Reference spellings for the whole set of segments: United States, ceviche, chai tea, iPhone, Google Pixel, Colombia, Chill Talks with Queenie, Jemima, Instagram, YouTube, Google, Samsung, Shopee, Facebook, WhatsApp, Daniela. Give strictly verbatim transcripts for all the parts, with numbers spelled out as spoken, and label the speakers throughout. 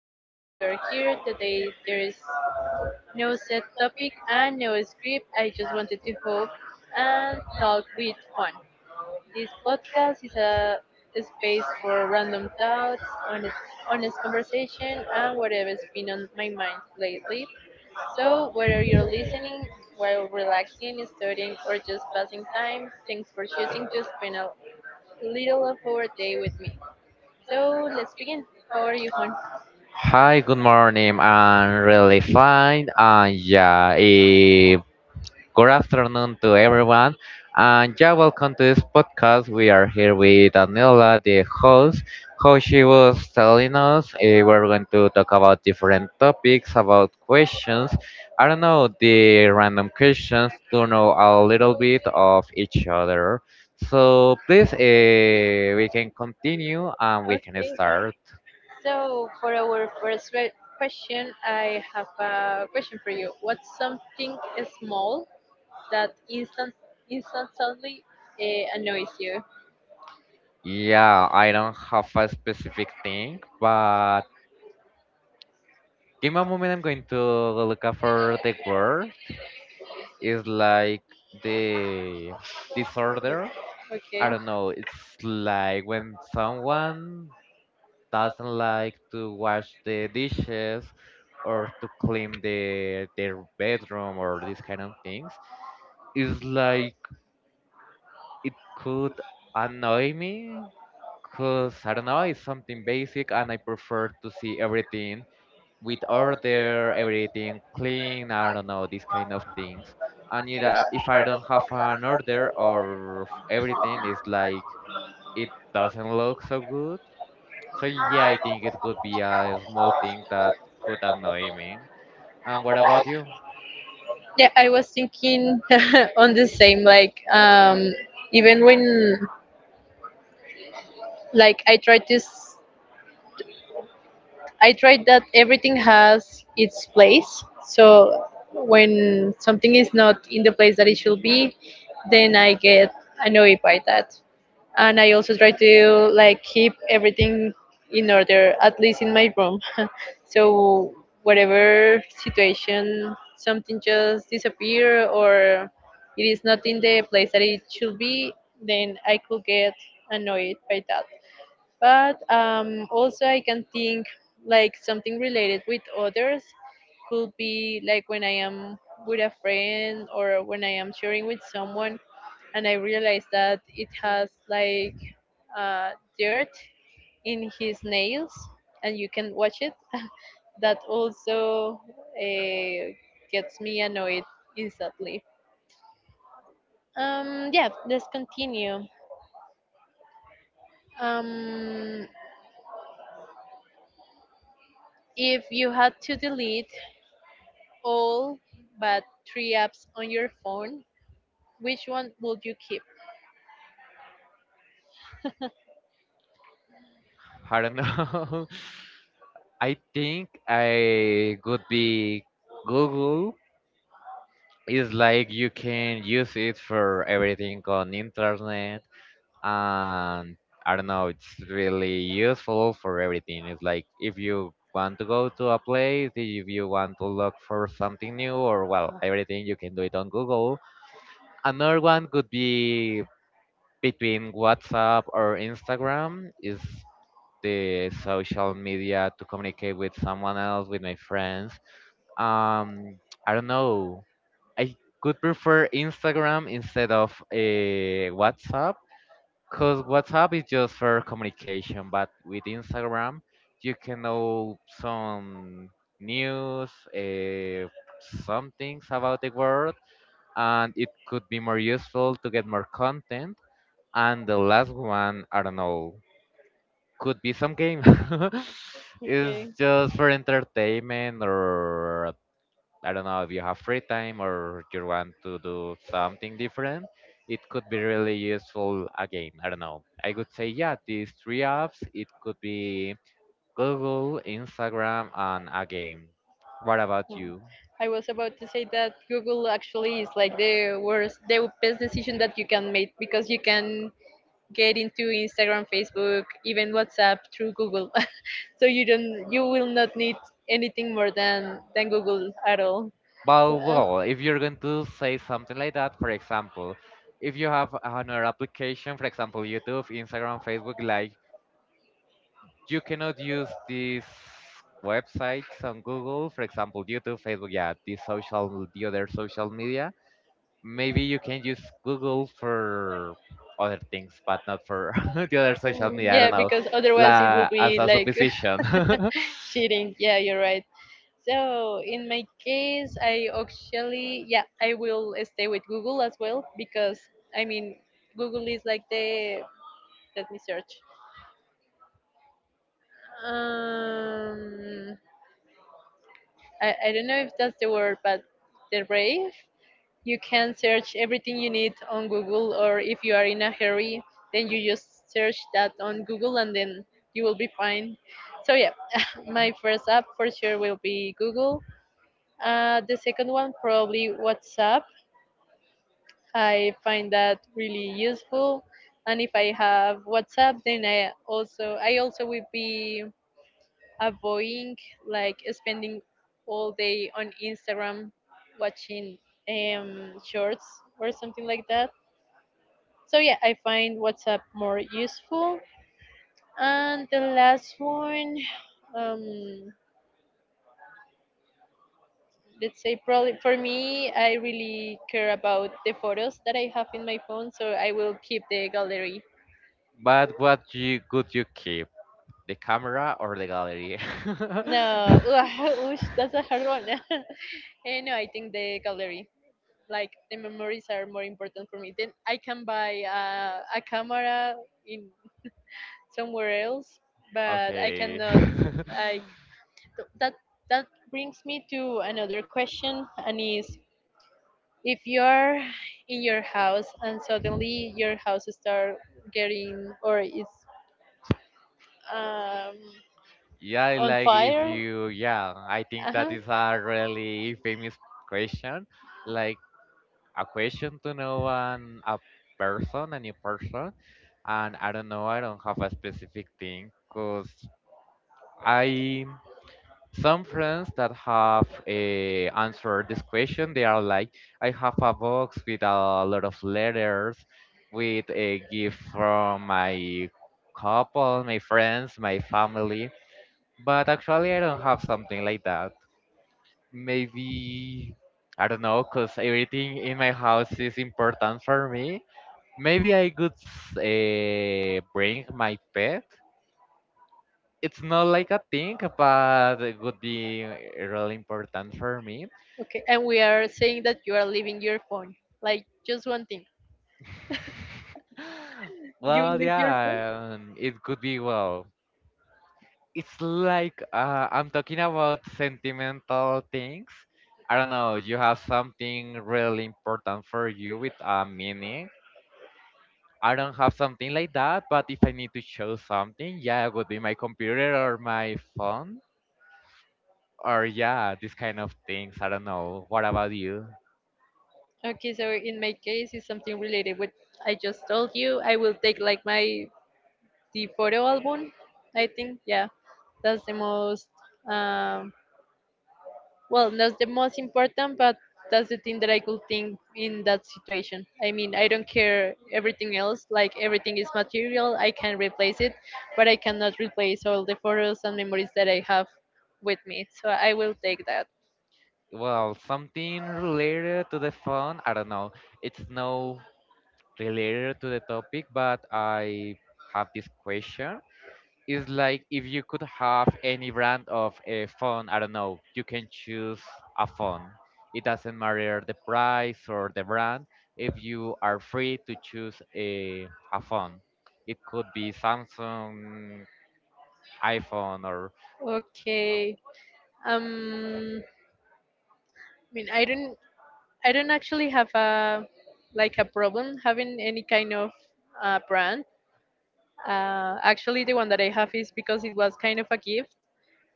Speaker 1: am really glad you are here. Today there is no set topic and no script. I just wanted to hope and talk with Juan. This podcast is a space for random thoughts, honest, honest conversation, and whatever's been on my mind lately. So, whether you're listening while relaxing, studying, or just passing time, thanks for choosing to spend a little of our day with me. So let's begin. How are you, Juan?
Speaker 2: Hi, good morning. I'm really fine. And yeah, eh, good afternoon to everyone. And yeah, welcome to this podcast. We are here with Daniela, the host. How she was telling us, eh, we're going to talk about different topics, about questions. I don't know, the random questions to know a little bit of each other. So please, eh, we can continue and we can
Speaker 1: Okay, Juan.
Speaker 2: start.
Speaker 1: So for our first re- question, I have a question for you. What's something small that instant instantly uh, annoys you?
Speaker 2: Yeah, I don't have a specific thing, but give me a moment. I'm going to look up for the word. It's like the disorder.
Speaker 1: Okay.
Speaker 2: I don't know. It's like when someone doesn't like to wash the dishes or to clean the their bedroom or these kind of things. It's like it could annoy me because I don't know, it's something basic and I prefer to see everything with order, everything clean, I don't know, these kind of things. And it, uh, if I don't have an order or f- everything is like it doesn't look so good. So yeah, I think it could be a small thing that could annoy me. And what about you?
Speaker 1: Yeah, I was thinking on the same. Like, um, even when like I try to s- I tried that everything has its place. So when something is not in the place that it should be, then I get annoyed by that. And I also try to like keep everything in order, at least in my room. So whatever situation, something just disappear or it is not in the place that it should be, then I could get annoyed by that, but um, also I can think like something related with others could be like when I am with a friend or when I am sharing with someone and I realize that it has like uh, dirt in his nails and you can watch it. That also uh, gets me annoyed instantly. Um, yeah, let's continue. Um, if you had to delete all but three apps on your phone, which one would you keep?
Speaker 2: I don't know. I think I could be Google. It's like you can use it for everything on internet and I don't know, it's really useful for everything. It's like if you want to go to a place, if you want to look for something new or well, everything you can do it on Google. Another one could be between WhatsApp or Instagram is the social media to communicate with someone else, with my friends. Um I don't know. I could prefer Instagram instead of uh, WhatsApp, because WhatsApp is just for communication, but with Instagram, you can know some news, uh, some things about the world, and it could be more useful to get more content. And the last one, I don't know, could be some game. It's
Speaker 1: Okay.
Speaker 2: just for entertainment. Or I don't know, if you have free time or you want to do something different, it could be really useful again. I don't know. I would say, yeah, these three apps, it could be Google, Instagram, and a game. What about
Speaker 1: Hmm.
Speaker 2: you?
Speaker 1: I was about to say that Google actually is like the worst, the best decision that you can make because you can get into Instagram, Facebook, even WhatsApp through Google. So you don't, you will not need anything more than than Google at all.
Speaker 2: Well,
Speaker 1: So, uh,
Speaker 2: well, if you're going to say something like that, for example, if you have another application, for example, YouTube, Instagram, Facebook, like you cannot use these websites on Google, for example, YouTube, Facebook, yeah, these social, the other social media. Maybe you can use Google for other things, but not for the other social media. I don't
Speaker 1: yeah,
Speaker 2: know,
Speaker 1: because otherwise it will
Speaker 2: la as
Speaker 1: be
Speaker 2: a
Speaker 1: like
Speaker 2: supposition.
Speaker 1: cheating. Yeah, you're right. So in my case, I actually, yeah, I will stay with Google as well, because I mean, Google is like the, let me search. Um, I I don't know if that's the word, but the rave. You can search everything you need on Google, or if you are in a hurry, then you just search that on Google, and then you will be fine. So yeah, my first app for sure will be Google. Uh, the second one probably WhatsApp. I find that really useful, and if I have WhatsApp, then I also I also will be avoiding like spending all day on Instagram watching um shorts or something like that. So yeah, I find WhatsApp more useful. And the last one, um, let's say, probably for me, I really care about the photos that I have in my phone, so I will keep the gallery.
Speaker 2: But what you could you keep? The camera or the gallery?
Speaker 1: No. Oosh, that's a hard one. Eh, no, I think the gallery, like the memories are more important for me. Then I can buy uh, a camera in somewhere else, but I
Speaker 2: Okay.
Speaker 1: cannot like th- that that brings me to another question, and is, if you're in your house and suddenly your house start getting, or is, um,
Speaker 2: Yeah,
Speaker 1: on
Speaker 2: like if
Speaker 1: fire.
Speaker 2: you, yeah, I think that
Speaker 1: Uh-huh.
Speaker 2: is a really famous question, like a question to know an a person, a new person, and I don't know, I don't have a specific thing, cause I some friends that have eh, answered this question, they are like, I have a box with a lot of letters with a gift from my couple, my friends, my family, but actually I don't have something like that. Maybe, I don't know, because everything in my house is important for me. Maybe I could uh, bring my pet. It's not like a thing, but it would be really important for me.
Speaker 1: Okay, and we are saying that you are leaving your phone, like just one thing, you
Speaker 2: Well,
Speaker 1: leave your phone.
Speaker 2: yeah, um, it could be. Well, it's like uh, I'm talking about sentimental things. I don't know. You have something really important for you with a meaning. I don't have something like that, but if I need to show something, yeah, it would be my computer or my phone or yeah, these kind of things. I don't know. What about you?
Speaker 1: Okay, so in my case it's something related with, I just told you, I will take like my, the photo album. I think, yeah, that's the most, um, well, not the most important, but that's the thing that I could think in that situation. I mean, I don't care everything else. Like everything is material, I can replace it, but I cannot replace all the photos and memories that I have with me. So I will take that.
Speaker 2: Well, something related to the phone. I don't know. It's no related to the topic, but I have this question. It's like if you could have any brand of a phone, I don't know, you can choose a phone. It doesn't matter the price or the brand. If you are free to choose a, a phone, it could be Samsung, iPhone, or a
Speaker 1: Okay. Um. I mean, I don't. I don't actually have a, like a problem having any kind of uh, brand. Uh, actually, the one that I have is because it was kind of a gift,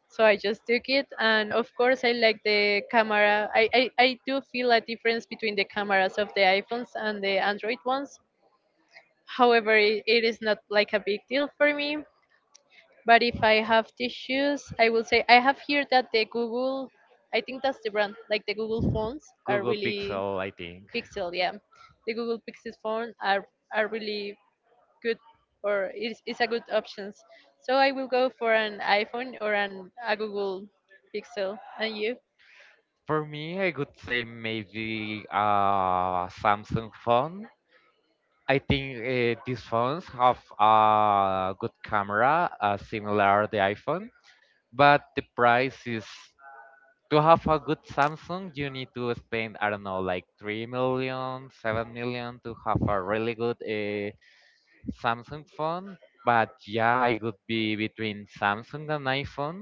Speaker 1: so I just took it. And of course, I like the camera. I, I, I do feel a difference between the cameras of the iPhones and the Android ones. However, it, it is not like a big deal for me. But if I have tissues, I will say I have here that the Google, I think that's the brand, like the Google phones are
Speaker 2: Google
Speaker 1: really,
Speaker 2: Pixel, I think.
Speaker 1: Pixel, yeah. The Google Pixel phone are, are really good, or it's, it's a good options. So I will go for an iPhone or an a Google Pixel. And you?
Speaker 2: For me, I could say maybe a Samsung phone. I think uh, these phones have a good camera, uh, similar the iPhone, but the price is, to have a good Samsung, you need to spend I don't know like three million, seven million to have a really good uh, Samsung phone. But yeah, it would be between Samsung and iPhone.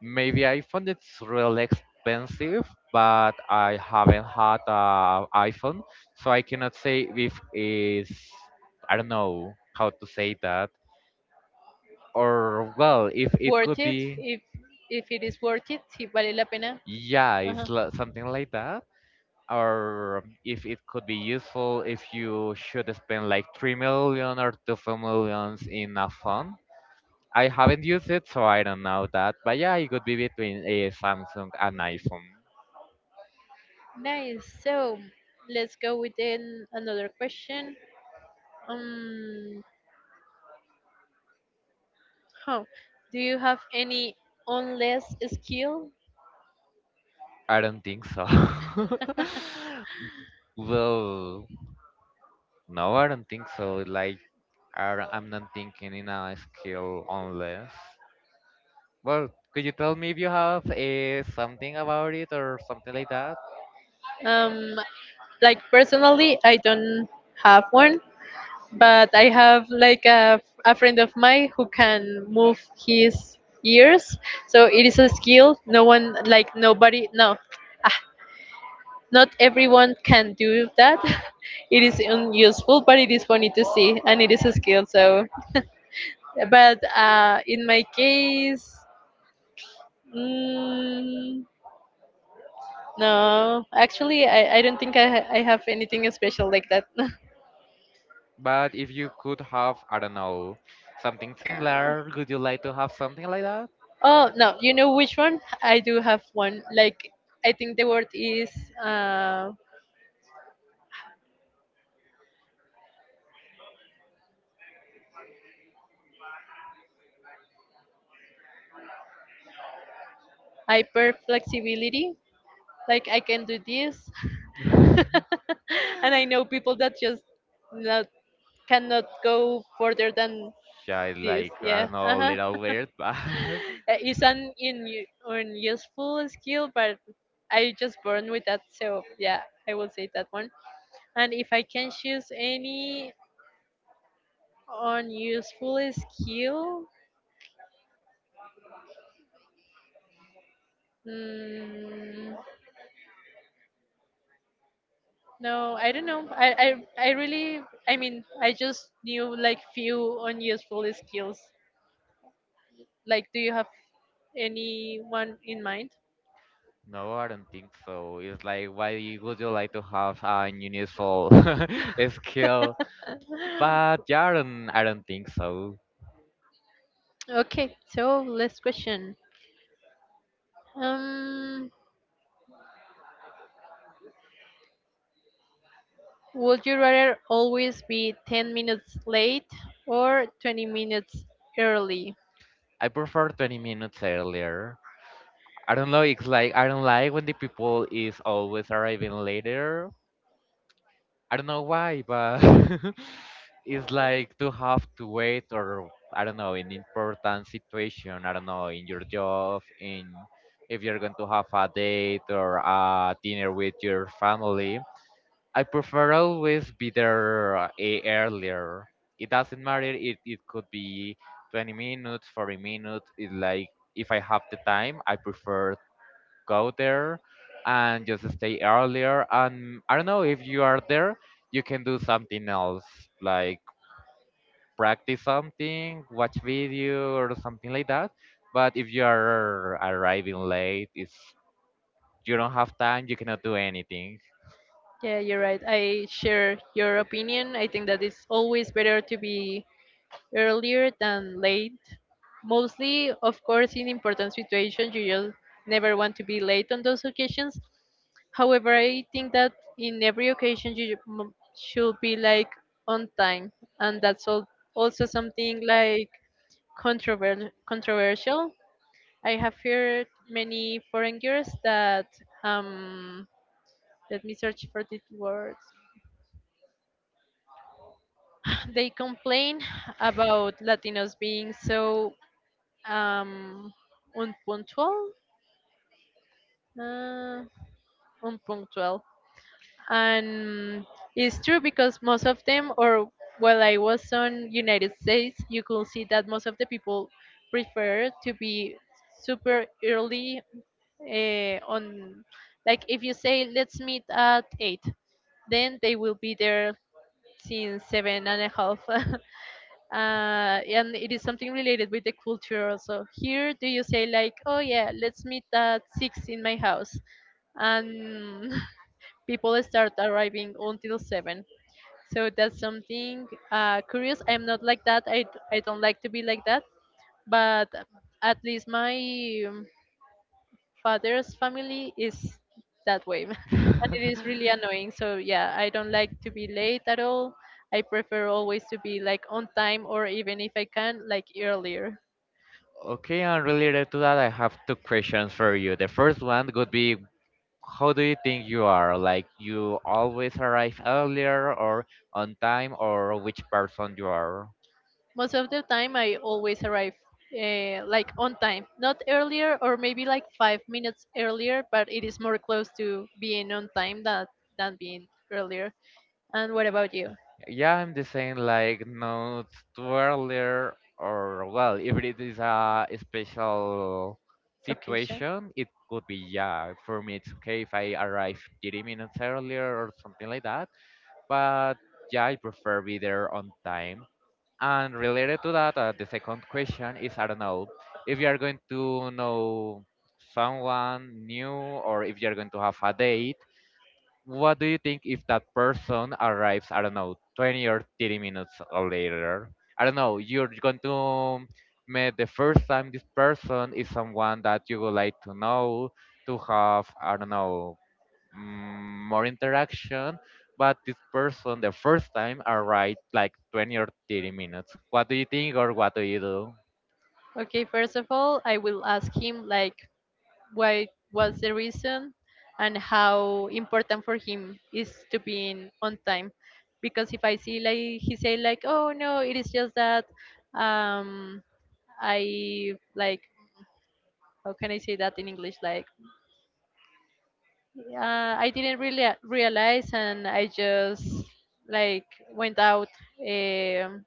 Speaker 2: Maybe iPhone it's really expensive, but I haven't had a iPhone, so I cannot say if it's, I don't know how to say that. Or well, if it
Speaker 1: Worth
Speaker 2: could
Speaker 1: it?
Speaker 2: be,
Speaker 1: If if it is worth it, si vale la pena.
Speaker 2: yeah,
Speaker 1: Uh-huh.
Speaker 2: it's li- something like that. Or if it could be useful if you should spend like three million or two millions in a phone. I haven't used it, so I don't know that. But yeah, it could be between a Samsung and iPhone.
Speaker 1: Nice. So let's go with an, another question. Um, huh. Do you have any unless skill?
Speaker 2: I don't think so. Well, no, I don't think so. Like, I, I'm not thinking in a skill unless. Well, could you tell me if you have uh, something about it or something like that?
Speaker 1: Um, like personally, I don't have one, but I have like a, a friend of mine who can move his ears. So it is a skill. No one, like nobody, no, ah, not everyone can do that. It is unuseful, but it is funny to see, and it is a skill. So, but uh, in my case, mm, no, actually, I, I don't think I, ha- I have anything special like that.
Speaker 2: But if you could have, I don't know, something similar, would you like to have something like that?
Speaker 1: Oh no, you know which one? I do have one. Like, I think the word is uh, hyper flexibility. Like I can do this, and I know people that just not cannot go further than
Speaker 2: Yeah,
Speaker 1: this.
Speaker 2: like, I
Speaker 1: Yeah,
Speaker 2: don't know, a
Speaker 1: uh-huh.
Speaker 2: little weird, but
Speaker 1: Uh, it's an in unuseful skill, but I just born with that. So yeah, I will say that one. And if I can choose any unuseful skill. Mm, No, I don't know. I, I, I really, I mean, I just knew like few unuseful skills. Like, do you have anyone in mind?
Speaker 2: no, I don't think so. It's like, why would you like to have an unusual skill? But yeah, I don't, I don't think so.
Speaker 1: Okay, so last question. Um, would you rather always be ten minutes late or twenty minutes early?
Speaker 2: I prefer twenty minutes earlier. I don't know, it's like I don't like when the people is always arriving later. I don't know why, but it's like to have to wait or I don't know, in important situation, I don't know, in your job, in, if you're going to have a date or a dinner with your family. I prefer always be there uh, e- earlier. It doesn't matter. It it could be twenty minutes, forty minutes. It like if I have the time, I prefer go there and just stay earlier. And I don't know, if you are there, you can do something else like practice something, watch video or something like that. But if you are arriving late, it's, you don't have time. You cannot do anything.
Speaker 1: Yeah, you're right. I share your opinion. I think that it's always better to be earlier than late. Mostly, of course, in important situations, you just never want to be late on those occasions. However, I think that in every occasion, you m- should be like on time, and that's all, also something like controver- controversial. I have heard many foreign girls that um, let me search for these words. They complain about Latinos being so um, unpunctual, uh, unpunctual, and it's true because most of them, or while I was on United States, you could see that most of the people prefer to be super early uh, on, like if you say let's meet at eight, then they will be there since seven and a half. uh, and it is something related with the culture also. Here, do you say like, "Oh yeah, let's meet at six in my house," and people start arriving until seven. So that's something uh, curious. I'm not like that. I I don't like to be like that. But at least my um, father's family is that way and it is really annoying, so yeah, I don't like to be late at all. I prefer always to be like on time, or even if I can, like earlier.
Speaker 2: Okay, and related to that, I have two questions for you. The first one would be, how do you think you are? Like, you always arrive earlier or on time, or which person you are?
Speaker 1: Most of the time I always arrive uh, like on time, not earlier, or maybe like five minutes earlier, but it is more close to being on time that, than being earlier. And what about you?
Speaker 2: Yeah, I'm the same, like, not too earlier, or, well, if it is a special
Speaker 1: Okay, Sean?
Speaker 2: situation, it could be, yeah. For me, it's okay if I arrive thirty minutes earlier or something like that. But yeah, I prefer be there on time. And related to that, uh, the second question is, I don't know if you are going to know someone new or if you are going to have a date. What do you think if that person arrives? I don't know, twenty or thirty minutes later. I don't know. You're going to meet the first time, this person is someone that you would like to know, to have, I don't know, mm, more interaction. But this person, the first time, arrived like twenty or thirty minutes. What do you think or what do you do?
Speaker 1: Okay, first of all, I will ask him like why was the reason and how important for him is to be in on time. Because if I see like he say like, oh no, it is just that um I like, how can I say that in English? Like, uh, I didn't really realize and I just like went out. Um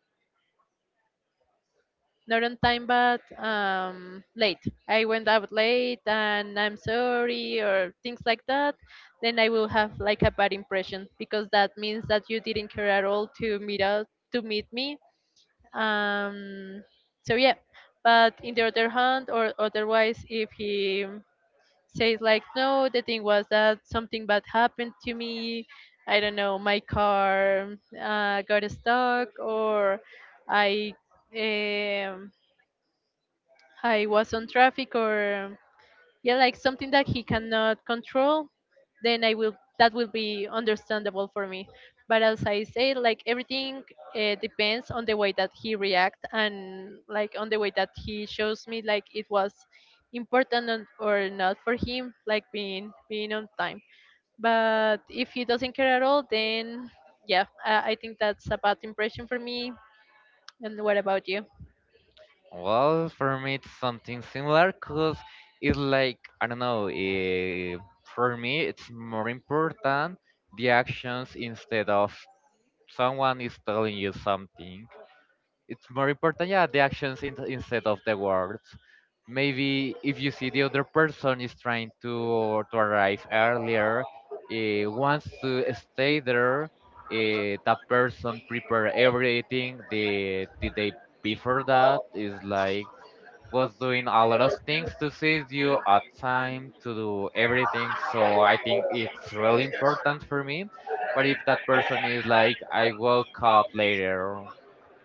Speaker 1: not on time but um, late, I went out late and I'm sorry, or things like that, then I will have like a bad impression, because that means that you didn't care at all to meet out, to meet me. um, so yeah, but in the other hand, or otherwise, if he says like, no, the thing was that something bad happened to me, I don't know, my car uh, got stuck, or i um, I was on traffic, or yeah, like something that he cannot control, then I will, that will be understandable for me. But as I say, like everything uh, depends on the way that he react, and like on the way that he shows me, like it was important on- or not for him, like being being on time. But if he doesn't care at all, then yeah, I, I think that's a bad impression for me. And what about you?
Speaker 2: Well, for me, it's something similar because it's like, I don't know, eh, for me, it's more important the actions instead of, someone is telling you something, it's more important, yeah, the actions in, instead of the words. Maybe if you see the other person is trying to to arrive earlier, uh, wants to stay there, uh, that person prepare everything the the day before, that is like was doing a lot of things to save you a time to do everything, so I think it's really important for me. But if that person is like, I woke up later,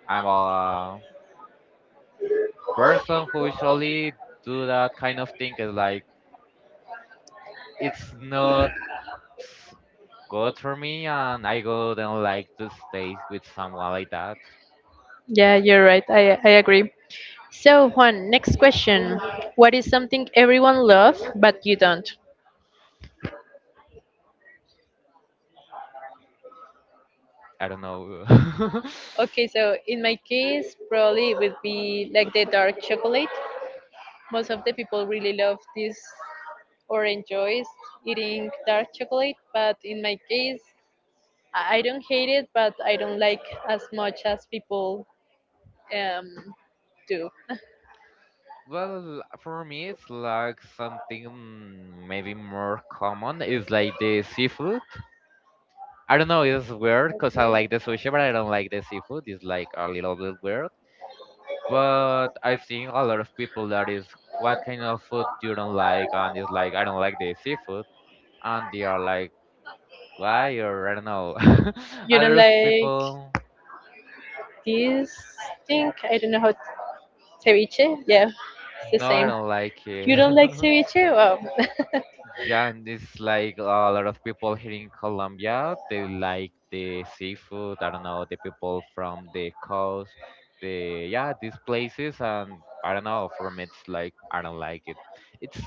Speaker 2: I'm uh, person who usually do that kind of thing, is like, it's not good for me and I wouldn't like to stay with someone like that.
Speaker 1: Yeah, you're right. I I agree. So, Juan, next question. What is something everyone loves but you don't?
Speaker 2: I don't know.
Speaker 1: Okay, so in my case, probably it would be like the dark chocolate. Most of the people really love this or enjoys eating dark chocolate, but in my case, I I don't hate it, but I don't like as much as people um, do.
Speaker 2: Well, for me, it's like something maybe more common. It's like the seafood. I don't know, it's weird because I
Speaker 1: Okay,
Speaker 2: like the sushi, but I don't like the seafood. It's like a little bit weird. But I've seen a lot of people that is, what kind of food you don't like? And it's like, I don't like the seafood. And they are like, why? Or I don't know.
Speaker 1: you
Speaker 2: A
Speaker 1: don't
Speaker 2: lot of
Speaker 1: like
Speaker 2: people,
Speaker 1: this thing? I don't know how ceviche. Yeah, it's
Speaker 2: no,
Speaker 1: the
Speaker 2: I
Speaker 1: same.
Speaker 2: don't like it.
Speaker 1: You don't like ceviche? Wow.
Speaker 2: Yeah, and it's like a lot of people here in Colombia they like the seafood, I don't know, the people from the coast, the yeah, these places and I don't know, for me it's like I don't like it. It's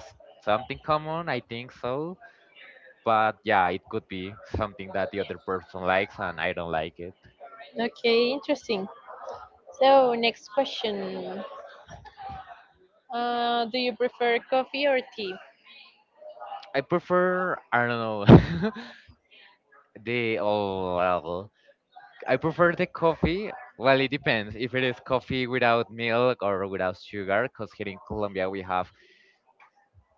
Speaker 2: something common, I think so. But yeah, it could be something that the other person likes and I don't like it.
Speaker 1: Okay, interesting. So, next question. Uh, do you prefer coffee or tea?
Speaker 2: I prefer, I don't know. The, oh well, I prefer the coffee. Well, it depends if it is coffee without milk or without sugar. Because here in Colombia we have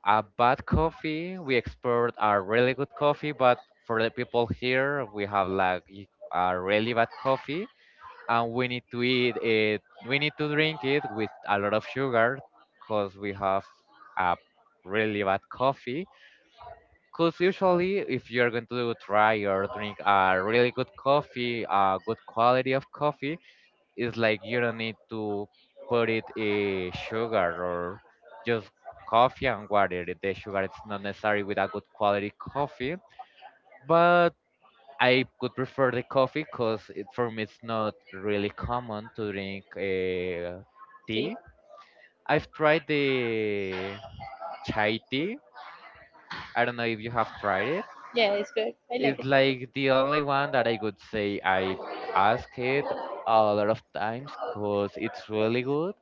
Speaker 2: a bad coffee. We export a really good coffee, but for the people here we have like y- a really bad coffee, and we need to eat it. We need to drink it with a lot of sugar, because we have a really bad coffee because usually, if you're going to try or drink a really good coffee, a good quality of coffee, it's like you don't need to put it in sugar or just coffee and water. The sugar it's not necessary with a good quality coffee, but I could prefer the coffee because it, for me it's not really common to drink uh,
Speaker 1: Tea.
Speaker 2: tea. I've tried the chai tea. I don't know if you have tried it.
Speaker 1: Yeah, it's good. I like
Speaker 2: It's
Speaker 1: it.
Speaker 2: like the only one that I could say I ask it a lot of times because it's really good.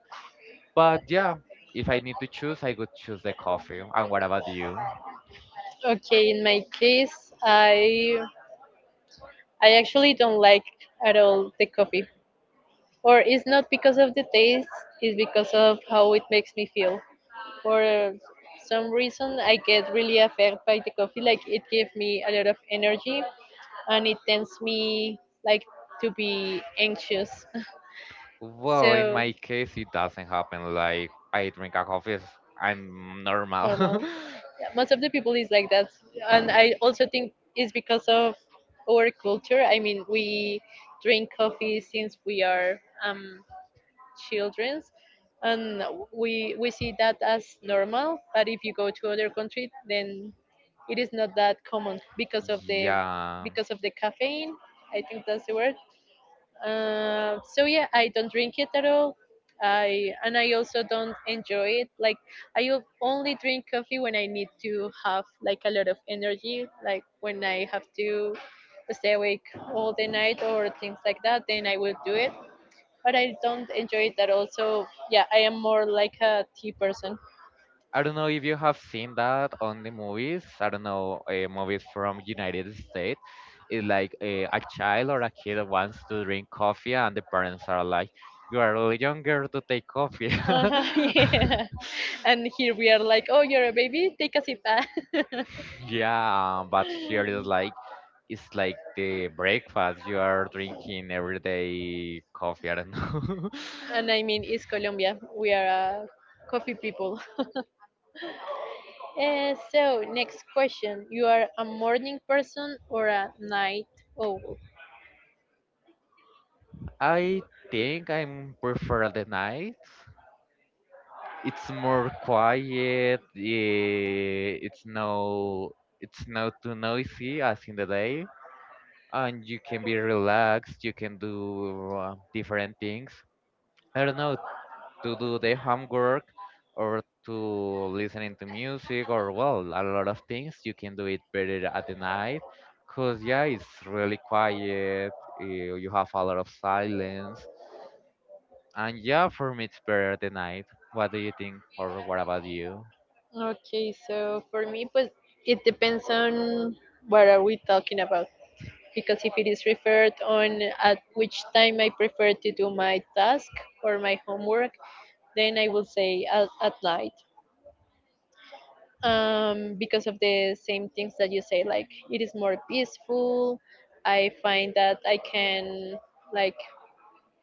Speaker 2: But yeah, if I need to choose, I could choose the coffee. And what about you?
Speaker 1: Okay, in my case, I I actually don't like at all the coffee. Or it's not because of the taste, it's because of how it makes me feel. For some reason, I get really affected by the coffee. Like it gives me a lot of energy, and it tends me like to be anxious.
Speaker 2: Well, in
Speaker 1: So
Speaker 2: my case, it doesn't happen. Like I drink a coffee, s- I'm normal.
Speaker 1: normal. Yeah, most of the people is like that, and I also think it's because of our culture. I mean, we drink coffee since we are um childrens, and we we see that as normal. But if you go to other country, then it is not that common because of the
Speaker 2: Yeah,
Speaker 1: because of the caffeine. I think that's the word. Uh, so yeah, I don't drink it at all. I and I also don't enjoy it. Like I o- only drink coffee when I need to have like a lot of energy, like when I have to stay awake all the night or things like that, then I will do it. But I don't enjoy it at all. So yeah, I am more like a tea person.
Speaker 2: I don't know if you have seen that on the movies. I don't know, uh, movies from United States. It's like a, a child or a kid wants to drink coffee, and the parents are like, "You are a little younger to take coffee."
Speaker 1: Uh-huh, yeah. And here we are like, oh, you're a baby, take a sip. Ah."
Speaker 2: Yeah, but here is like, it's like the breakfast. You are drinking every day coffee. I don't know.
Speaker 1: And I mean it's Colombia. We are uh, coffee people. Uh, so next question: you are a morning person or a night owl?
Speaker 2: I think I'm prefer the night. It's more quiet. eh, It's no, it's not too noisy as in the day, and you can be relaxed. You can do uh, different things. I don't know, to do the homework or to listening to music or well, a lot of things. You can do it better at the night, cause yeah, it's really quiet. eh, You have a lot of silence. And yeah, for me, it's better the night. What do you think, or what about you?
Speaker 1: Okay, so for me, pues it depends on what are we talking about. Because if it is referred on at which time I prefer to do my task or my homework, then I will say at, at night. Um, because of the same things that you say like it is more peaceful, I find that I can like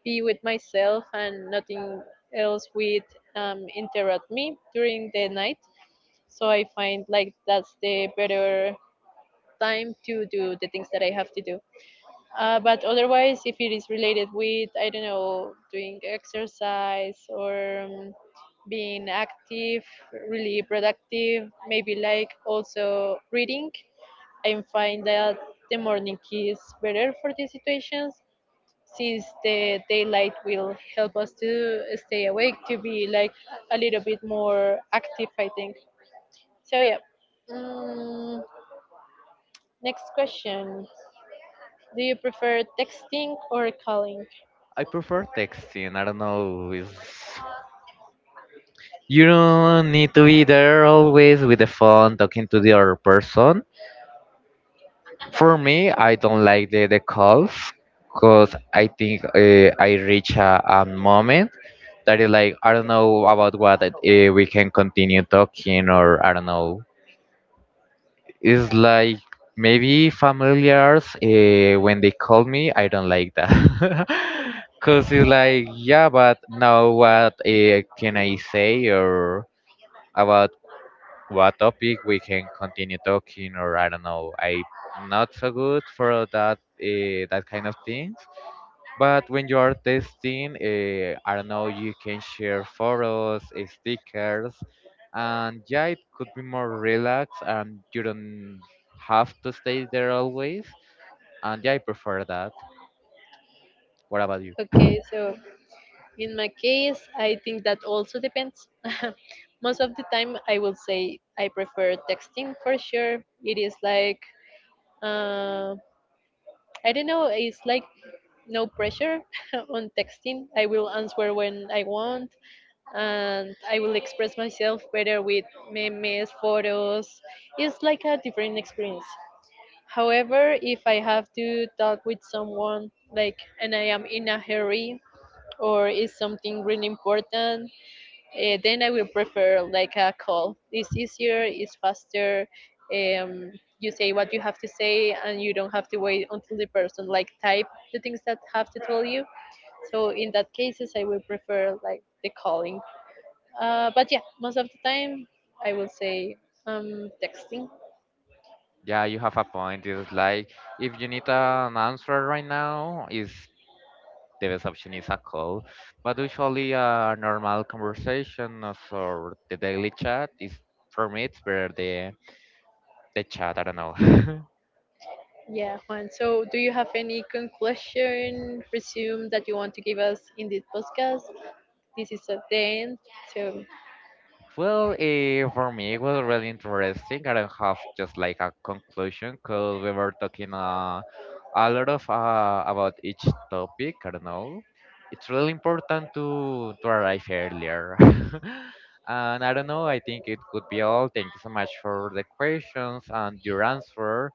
Speaker 1: be with myself and nothing else would um, interrupt me during the night, so I find like that's the better time to do the things that I have to do. Uh, but otherwise if it is related with I don't know doing exercise or um, being active, really productive, maybe like also reading. I find that the morning is better for these situations since the daylight will help us to stay awake, to be like a little bit more active, I think. So, yeah. Mm, Next question: do you prefer texting or calling?
Speaker 2: I prefer texting. I don't know. It's, you don't need to be there always with the phone talking to the other person. For me, I don't like the, the calls because I think uh, I reach a, a moment that is like, I don't know about what uh, we can continue talking, or I don't know. It's like maybe familiars uh, when they call me, I don't like that. Cause it's like, yeah, but now what uh, can I say or about what topic we can continue talking or I don't know. I'm not so good for that uh, that kind of things. But when you are testing, uh, I don't know, you can share photos, eh, stickers, and yeah, it could be more relaxed and you don't have to stay there always. And yeah, I prefer that. What about you?
Speaker 1: Okay, so in my case, I think that also depends. Most of the time, I will say I prefer texting for sure. It is like, uh, I don't know, it's like no pressure on texting. I will answer when I want and I will express myself better with memes, photos. It's like a different experience. However, if I have to talk with someone, like, and I am in a hurry, or is something really important. Uh, then I will prefer like a call. It's easier, it's faster. Um, you say what you have to say, and you don't have to wait until the person like type the things that have to tell you. So in that cases, I will prefer like the calling. Uh, but yeah, most of the time, I will say um, texting.
Speaker 2: Yeah, you have a point. It's like if you need an answer right now, is the best option is a call. But usually a normal conversation or so- or the daily chat is for me it's better the the chat, I don't know.
Speaker 1: Yeah, Juan. So, do you have any conclusion, resume that you want to give us in this podcast? This is at the end. So,
Speaker 2: Well, eh, for me, it was really interesting. I don't have just like a conclusion because we were talking uh, a lot of uh, about each topic. I don't know. It's really important to to arrive earlier. And I don't know. I think it could be all. Thank you so much for the questions and your answer.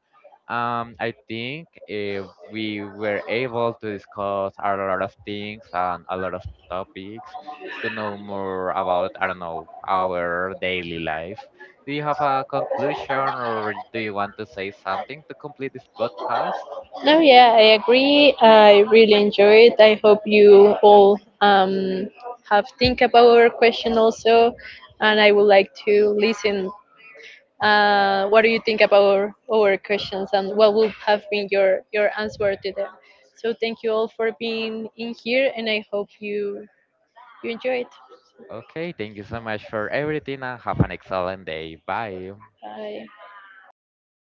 Speaker 2: Um, I think uh, we were able to discuss a lot of things and a lot of topics to know more about, I don't know, our daily life. Do you have a conclusion or do you want to say something to complete this podcast?
Speaker 1: no, yeah, I agree. I really enjoyed. I hope you all um, have think about our question also, and I would like to listen. Uh, what do you think about our, our questions, and what would have been your your answer to them? So thank you all for being in here, and I hope you you enjoy it.
Speaker 2: Okay, thank you so much for everything and have an excellent day. Bye.
Speaker 1: Bye.